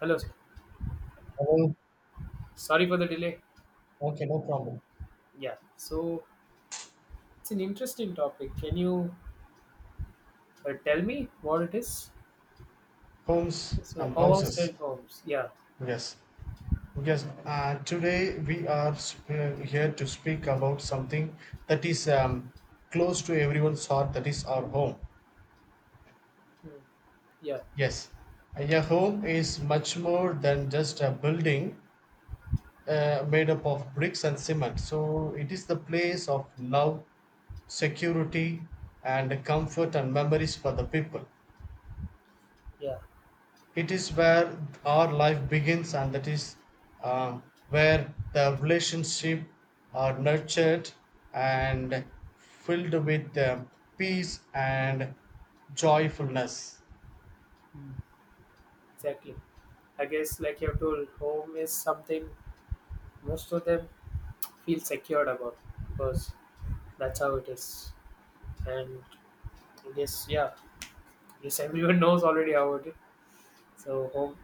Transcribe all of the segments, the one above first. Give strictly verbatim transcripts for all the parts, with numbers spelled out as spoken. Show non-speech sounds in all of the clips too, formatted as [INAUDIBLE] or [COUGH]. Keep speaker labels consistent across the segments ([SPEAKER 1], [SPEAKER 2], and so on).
[SPEAKER 1] Hello, sir.
[SPEAKER 2] Oh,
[SPEAKER 1] Sorry for the delay.
[SPEAKER 2] okay, no problem.
[SPEAKER 1] Yeah. So, it's an interesting topic. Can you uh, tell me what it is?
[SPEAKER 2] Homes
[SPEAKER 1] So,
[SPEAKER 2] and
[SPEAKER 1] house
[SPEAKER 2] houses.
[SPEAKER 1] and homes. Yeah.
[SPEAKER 2] Yes. Yes. Uh, today we are sp- here to speak about something that is um, close to everyone's heart, that is our home.
[SPEAKER 1] Mm. Yeah.
[SPEAKER 2] Yes. A home is much more than just a building uh, made up of bricks and cement. So it is the place of love, security, and comfort and memories for the people.
[SPEAKER 1] Yeah.
[SPEAKER 2] It is where our life begins, and that is um, where the relationship are nurtured and filled with uh, peace and joyfulness.
[SPEAKER 1] Hmm. Exactly. I guess, like you have told, home is something most of them feel secured about because that's how it is. And I guess, yeah, yes, everyone [LAUGHS] knows already how it is. So, home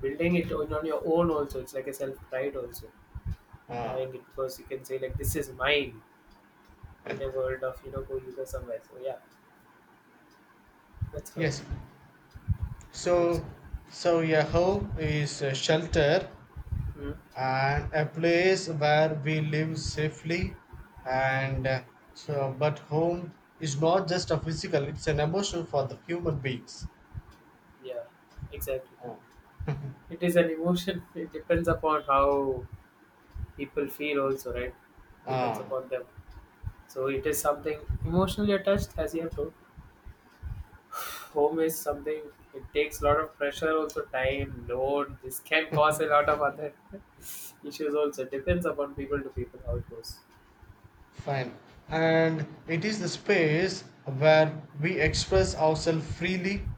[SPEAKER 1] building it on on your own also, it's like a self pride also having it because you can say, like, this is mine. In a world of you know go user somewhere. So yeah, that's how it
[SPEAKER 2] Yes.
[SPEAKER 1] comes.
[SPEAKER 2] So, so a home is a shelter
[SPEAKER 1] Hmm.
[SPEAKER 2] and a place where we live safely, and uh, so. But home is not just a physical; it's an emotion for the human beings.
[SPEAKER 1] Yeah, exactly. It is an emotion. [LAUGHS] It depends upon how people feel also, right? Depends
[SPEAKER 2] Ah.
[SPEAKER 1] upon them. So it is something emotionally attached, as you have told. Home is something. It takes a lot of pressure, also time, load. This can cause a lot of other [LAUGHS] issues also. Depends upon people to people how it goes.
[SPEAKER 2] Fine. And it is the space where we express ourselves freely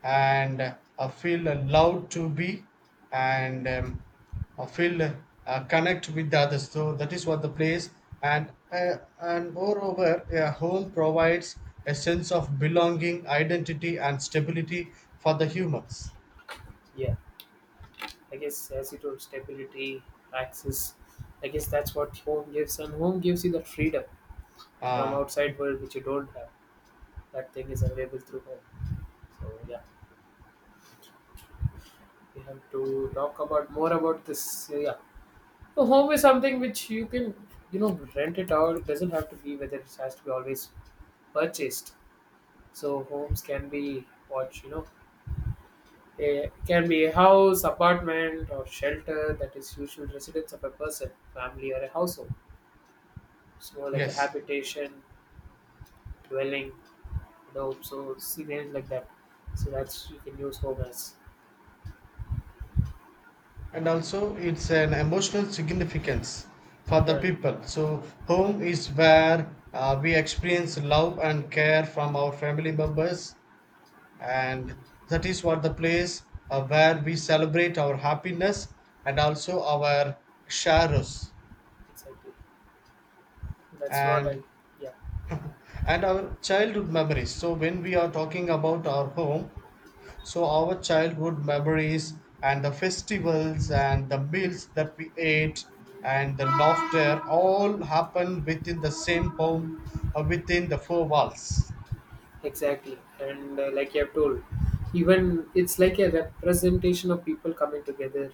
[SPEAKER 2] and uh, feel allowed to be and um, uh, feel uh, connect with the others. So that is what the place and uh, and moreover, a home provides a sense of belonging, identity, and stability for the humans.
[SPEAKER 1] Yeah. I guess as it was stability, access. I guess that's what home gives, and home gives you the freedom from
[SPEAKER 2] Ah,
[SPEAKER 1] outside world which you don't have. That thing is available through home. So yeah, we have to talk about more about this. So, yeah, so home is something which you can, you know, rent it out. It doesn't have to be, whether it has to be always purchased. So homes can be what, you know. A, can be a house, apartment, or shelter that is usual residence of a person, family, or a household. So like a
[SPEAKER 2] yes.
[SPEAKER 1] habitation, dwelling, you know, so scenarios like that. So that's you can use home as.
[SPEAKER 2] And also it's an emotional significance for the
[SPEAKER 1] Yeah,
[SPEAKER 2] people. So home is where uh, we experience love and care from our family members, and that is what the place uh, where we celebrate our happiness and also our sorrows
[SPEAKER 1] exactly. That's what I.
[SPEAKER 2] and
[SPEAKER 1] Yeah,
[SPEAKER 2] and our childhood memories. So when we are talking about our home, so our childhood memories and the festivals and the meals that we ate and the laughter all happen within the same home or within the four walls.
[SPEAKER 1] exactly. And uh, like you have told, even it's like a representation of people coming together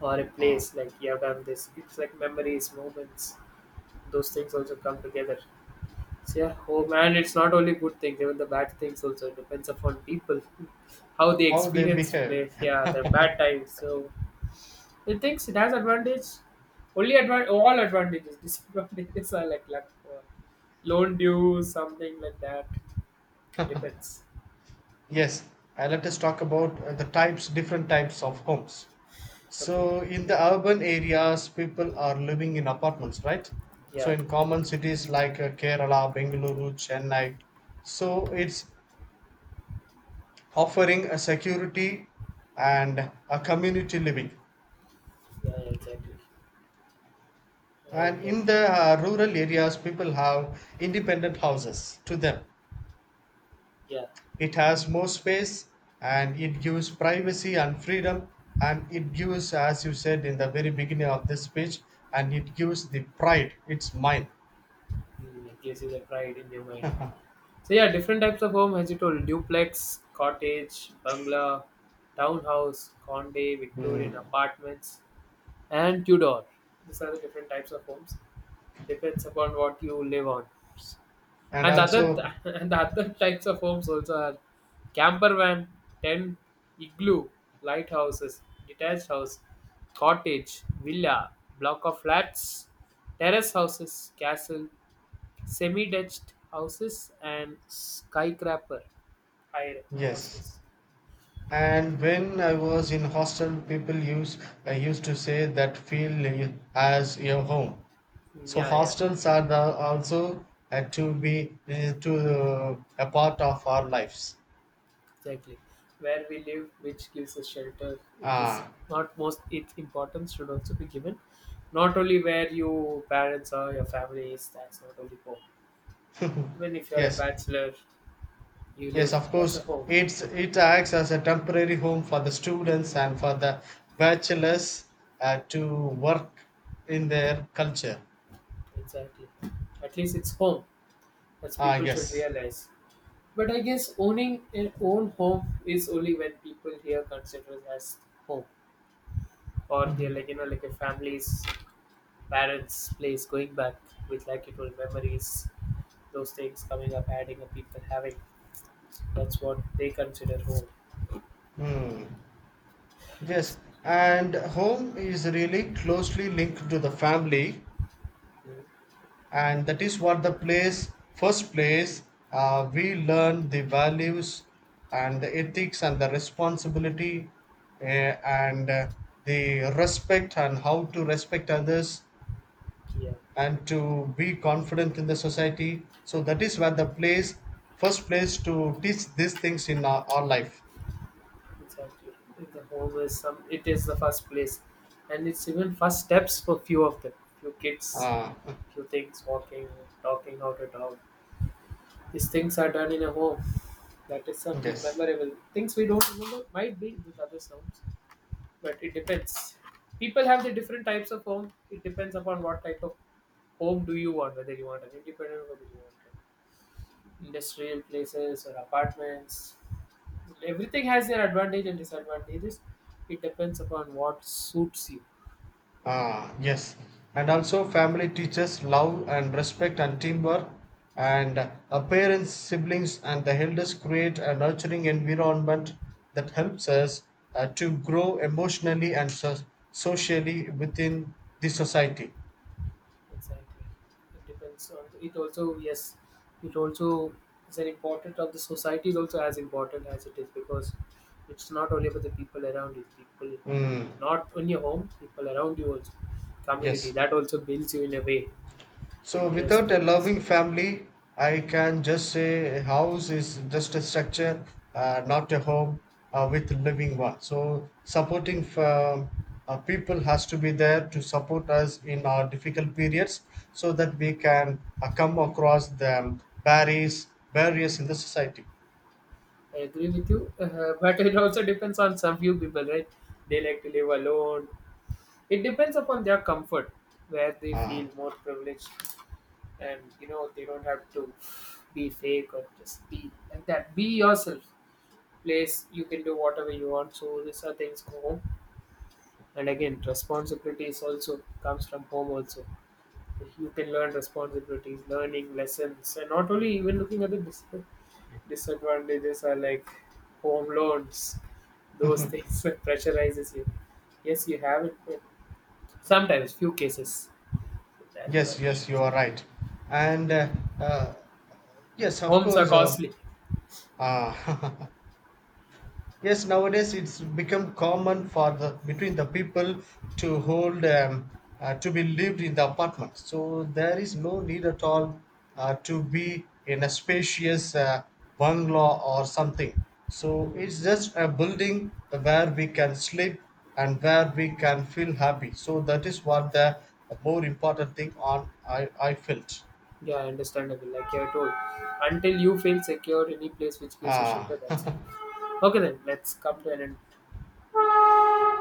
[SPEAKER 1] or a place. Like you have done this. It's like memories, moments. Those things also come together. So yeah, home, and it's not only good things, even the bad things also. It depends upon people, [LAUGHS] how they
[SPEAKER 2] How they
[SPEAKER 1] experience
[SPEAKER 2] behave.
[SPEAKER 1] place. Yeah, the bad times. So it thinks it has advantage. Only advan all advantages. [LAUGHS] Disadvantages are like luck for loan dues, something like that. Depends.
[SPEAKER 2] Yes, uh, let us talk about uh, the types, different types of homes.
[SPEAKER 1] Okay.
[SPEAKER 2] So in the urban areas, people are living in apartments, right? So
[SPEAKER 1] Yeah.
[SPEAKER 2] in common cities like uh, Kerala, Bengaluru, Chennai, so it's offering a security and a community living.
[SPEAKER 1] Yeah, yeah, exactly. And
[SPEAKER 2] And
[SPEAKER 1] uh,
[SPEAKER 2] in the uh, rural areas, people have independent houses to them.
[SPEAKER 1] yeah,
[SPEAKER 2] It has more space and it gives privacy and freedom. And it gives, as you said in the very beginning of this speech, and it gives the pride, it's mine.
[SPEAKER 1] mm, it gives you the pride in your mind. So yeah, different types of home as you told: duplex, cottage, bungalow, townhouse, Conde, Victorian
[SPEAKER 2] Mm.
[SPEAKER 1] apartments, and Tudor. These are the different types of homes. Depends upon what you live on.
[SPEAKER 2] And
[SPEAKER 1] And the other
[SPEAKER 2] also,
[SPEAKER 1] [LAUGHS] and the other types of homes also are camper van, tent, igloo, lighthouses, detached house, cottage, villa, block of flats, terrace houses, castle, semi-detached houses, and skyscraper high
[SPEAKER 2] yes.
[SPEAKER 1] houses.
[SPEAKER 2] And when I was in hostel, people use I used to say that feel as your home.
[SPEAKER 1] Mm,
[SPEAKER 2] So
[SPEAKER 1] yeah, yeah,
[SPEAKER 2] hostels are the, also uh, to be uh, to uh, a part of our lives.
[SPEAKER 1] exactly. Where we live, which gives us shelter, it is
[SPEAKER 2] Ah,
[SPEAKER 1] not most, its importance should also be given. Not only where your parents or your family is, that's not only important.
[SPEAKER 2] [LAUGHS]
[SPEAKER 1] Even if you're a
[SPEAKER 2] yes,
[SPEAKER 1] bachelor, you
[SPEAKER 2] yes,
[SPEAKER 1] live,
[SPEAKER 2] of
[SPEAKER 1] that's a
[SPEAKER 2] course.
[SPEAKER 1] home.
[SPEAKER 2] It's it acts as a temporary home for the students and for the bachelors uh, to work in their culture.
[SPEAKER 1] Exactly. At least it's home. That's
[SPEAKER 2] Ah,
[SPEAKER 1] people should
[SPEAKER 2] yes.
[SPEAKER 1] realize. But I guess owning an own home is only when people here consider it as home. Or they're like, you know, like a family's parents' place going back with like it old memories, those things coming up, adding up people having. That's what they consider home.
[SPEAKER 2] Hmm. Yes, and home is really closely linked to the family,
[SPEAKER 1] Mm.
[SPEAKER 2] and that is what the place, first place uh, we learn the values and the ethics and the responsibility uh, and uh, the respect and how to respect others
[SPEAKER 1] Yeah.
[SPEAKER 2] and to be confident in the society. So that is where the place, first place to teach these things in our, our life.
[SPEAKER 1] Exactly. The home is some, it is the first place, and it's even first steps for few of them. Few kids,
[SPEAKER 2] uh,
[SPEAKER 1] few things, walking, talking, how to talk. These things are done in a home. That is something
[SPEAKER 2] yes.
[SPEAKER 1] memorable. Things we don't remember might be these other sounds, but it depends. People have the different types of home. It depends upon what type of home do you want. Whether you want an independent, whether you want industrial places or apartments. Everything has their advantage and disadvantages. It depends upon what suits you.
[SPEAKER 2] Ah, yes. And also, family teaches love and respect and teamwork. And our parents, siblings, and the elders create a nurturing environment that helps us uh, to grow emotionally and so- socially within the society.
[SPEAKER 1] Exactly. It depends on it also, yes, it also is an important of the society, is also as important as it is, because it's not only about the people around you, people
[SPEAKER 2] Mm,
[SPEAKER 1] not on your home, people around you also. Community,
[SPEAKER 2] yes.
[SPEAKER 1] that also builds you in a way.
[SPEAKER 2] So,
[SPEAKER 1] Interest
[SPEAKER 2] without a
[SPEAKER 1] things.
[SPEAKER 2] loving family, I can just say a house is just a structure, uh, not a home uh, with living one. So, supporting um, uh, people has to be there to support us in our difficult periods so that we can uh, come across the barriers, barriers in the society.
[SPEAKER 1] I agree with you, uh, [LAUGHS] but it also depends on some few people, right? They like to live alone. It depends upon their comfort, where they feel
[SPEAKER 2] Ah.
[SPEAKER 1] more privileged, and you know they don't have to be fake or just be like that. Be yourself. Place you can do whatever you want. So these are things go home, and again responsibilities also comes from home also. You can learn responsibilities, learning lessons, and not only even looking at the dis- disadvantages are like home loans, those
[SPEAKER 2] [LAUGHS]
[SPEAKER 1] things [LAUGHS] that pressurizes you. Yes, you have it, but sometimes few cases. That's another
[SPEAKER 2] Yes,
[SPEAKER 1] issue.
[SPEAKER 2] yes, you are right. And uh, uh, Yes, of
[SPEAKER 1] Homes are
[SPEAKER 2] course. Uh,
[SPEAKER 1] costly.
[SPEAKER 2] uh, [LAUGHS] Yes, nowadays it's become common for the between the people to hold um, uh, to be lived in the apartment. So there is no need at all uh, to be in a spacious uh, bungalow or something. So
[SPEAKER 1] Hmm.
[SPEAKER 2] it's just a building where we can sleep and where we can feel happy. So that is what the more important thing on I, I felt.
[SPEAKER 1] Yeah, understandable. Like you are told, until you feel secure in a place which gives you
[SPEAKER 2] Ah,
[SPEAKER 1] shelter, that's enough. Okay, then let's come to an end.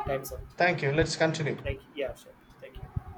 [SPEAKER 1] Time's up.
[SPEAKER 2] [LAUGHS] thank you. Let's continue.
[SPEAKER 1] Thank you. Yeah, sure. Thank you.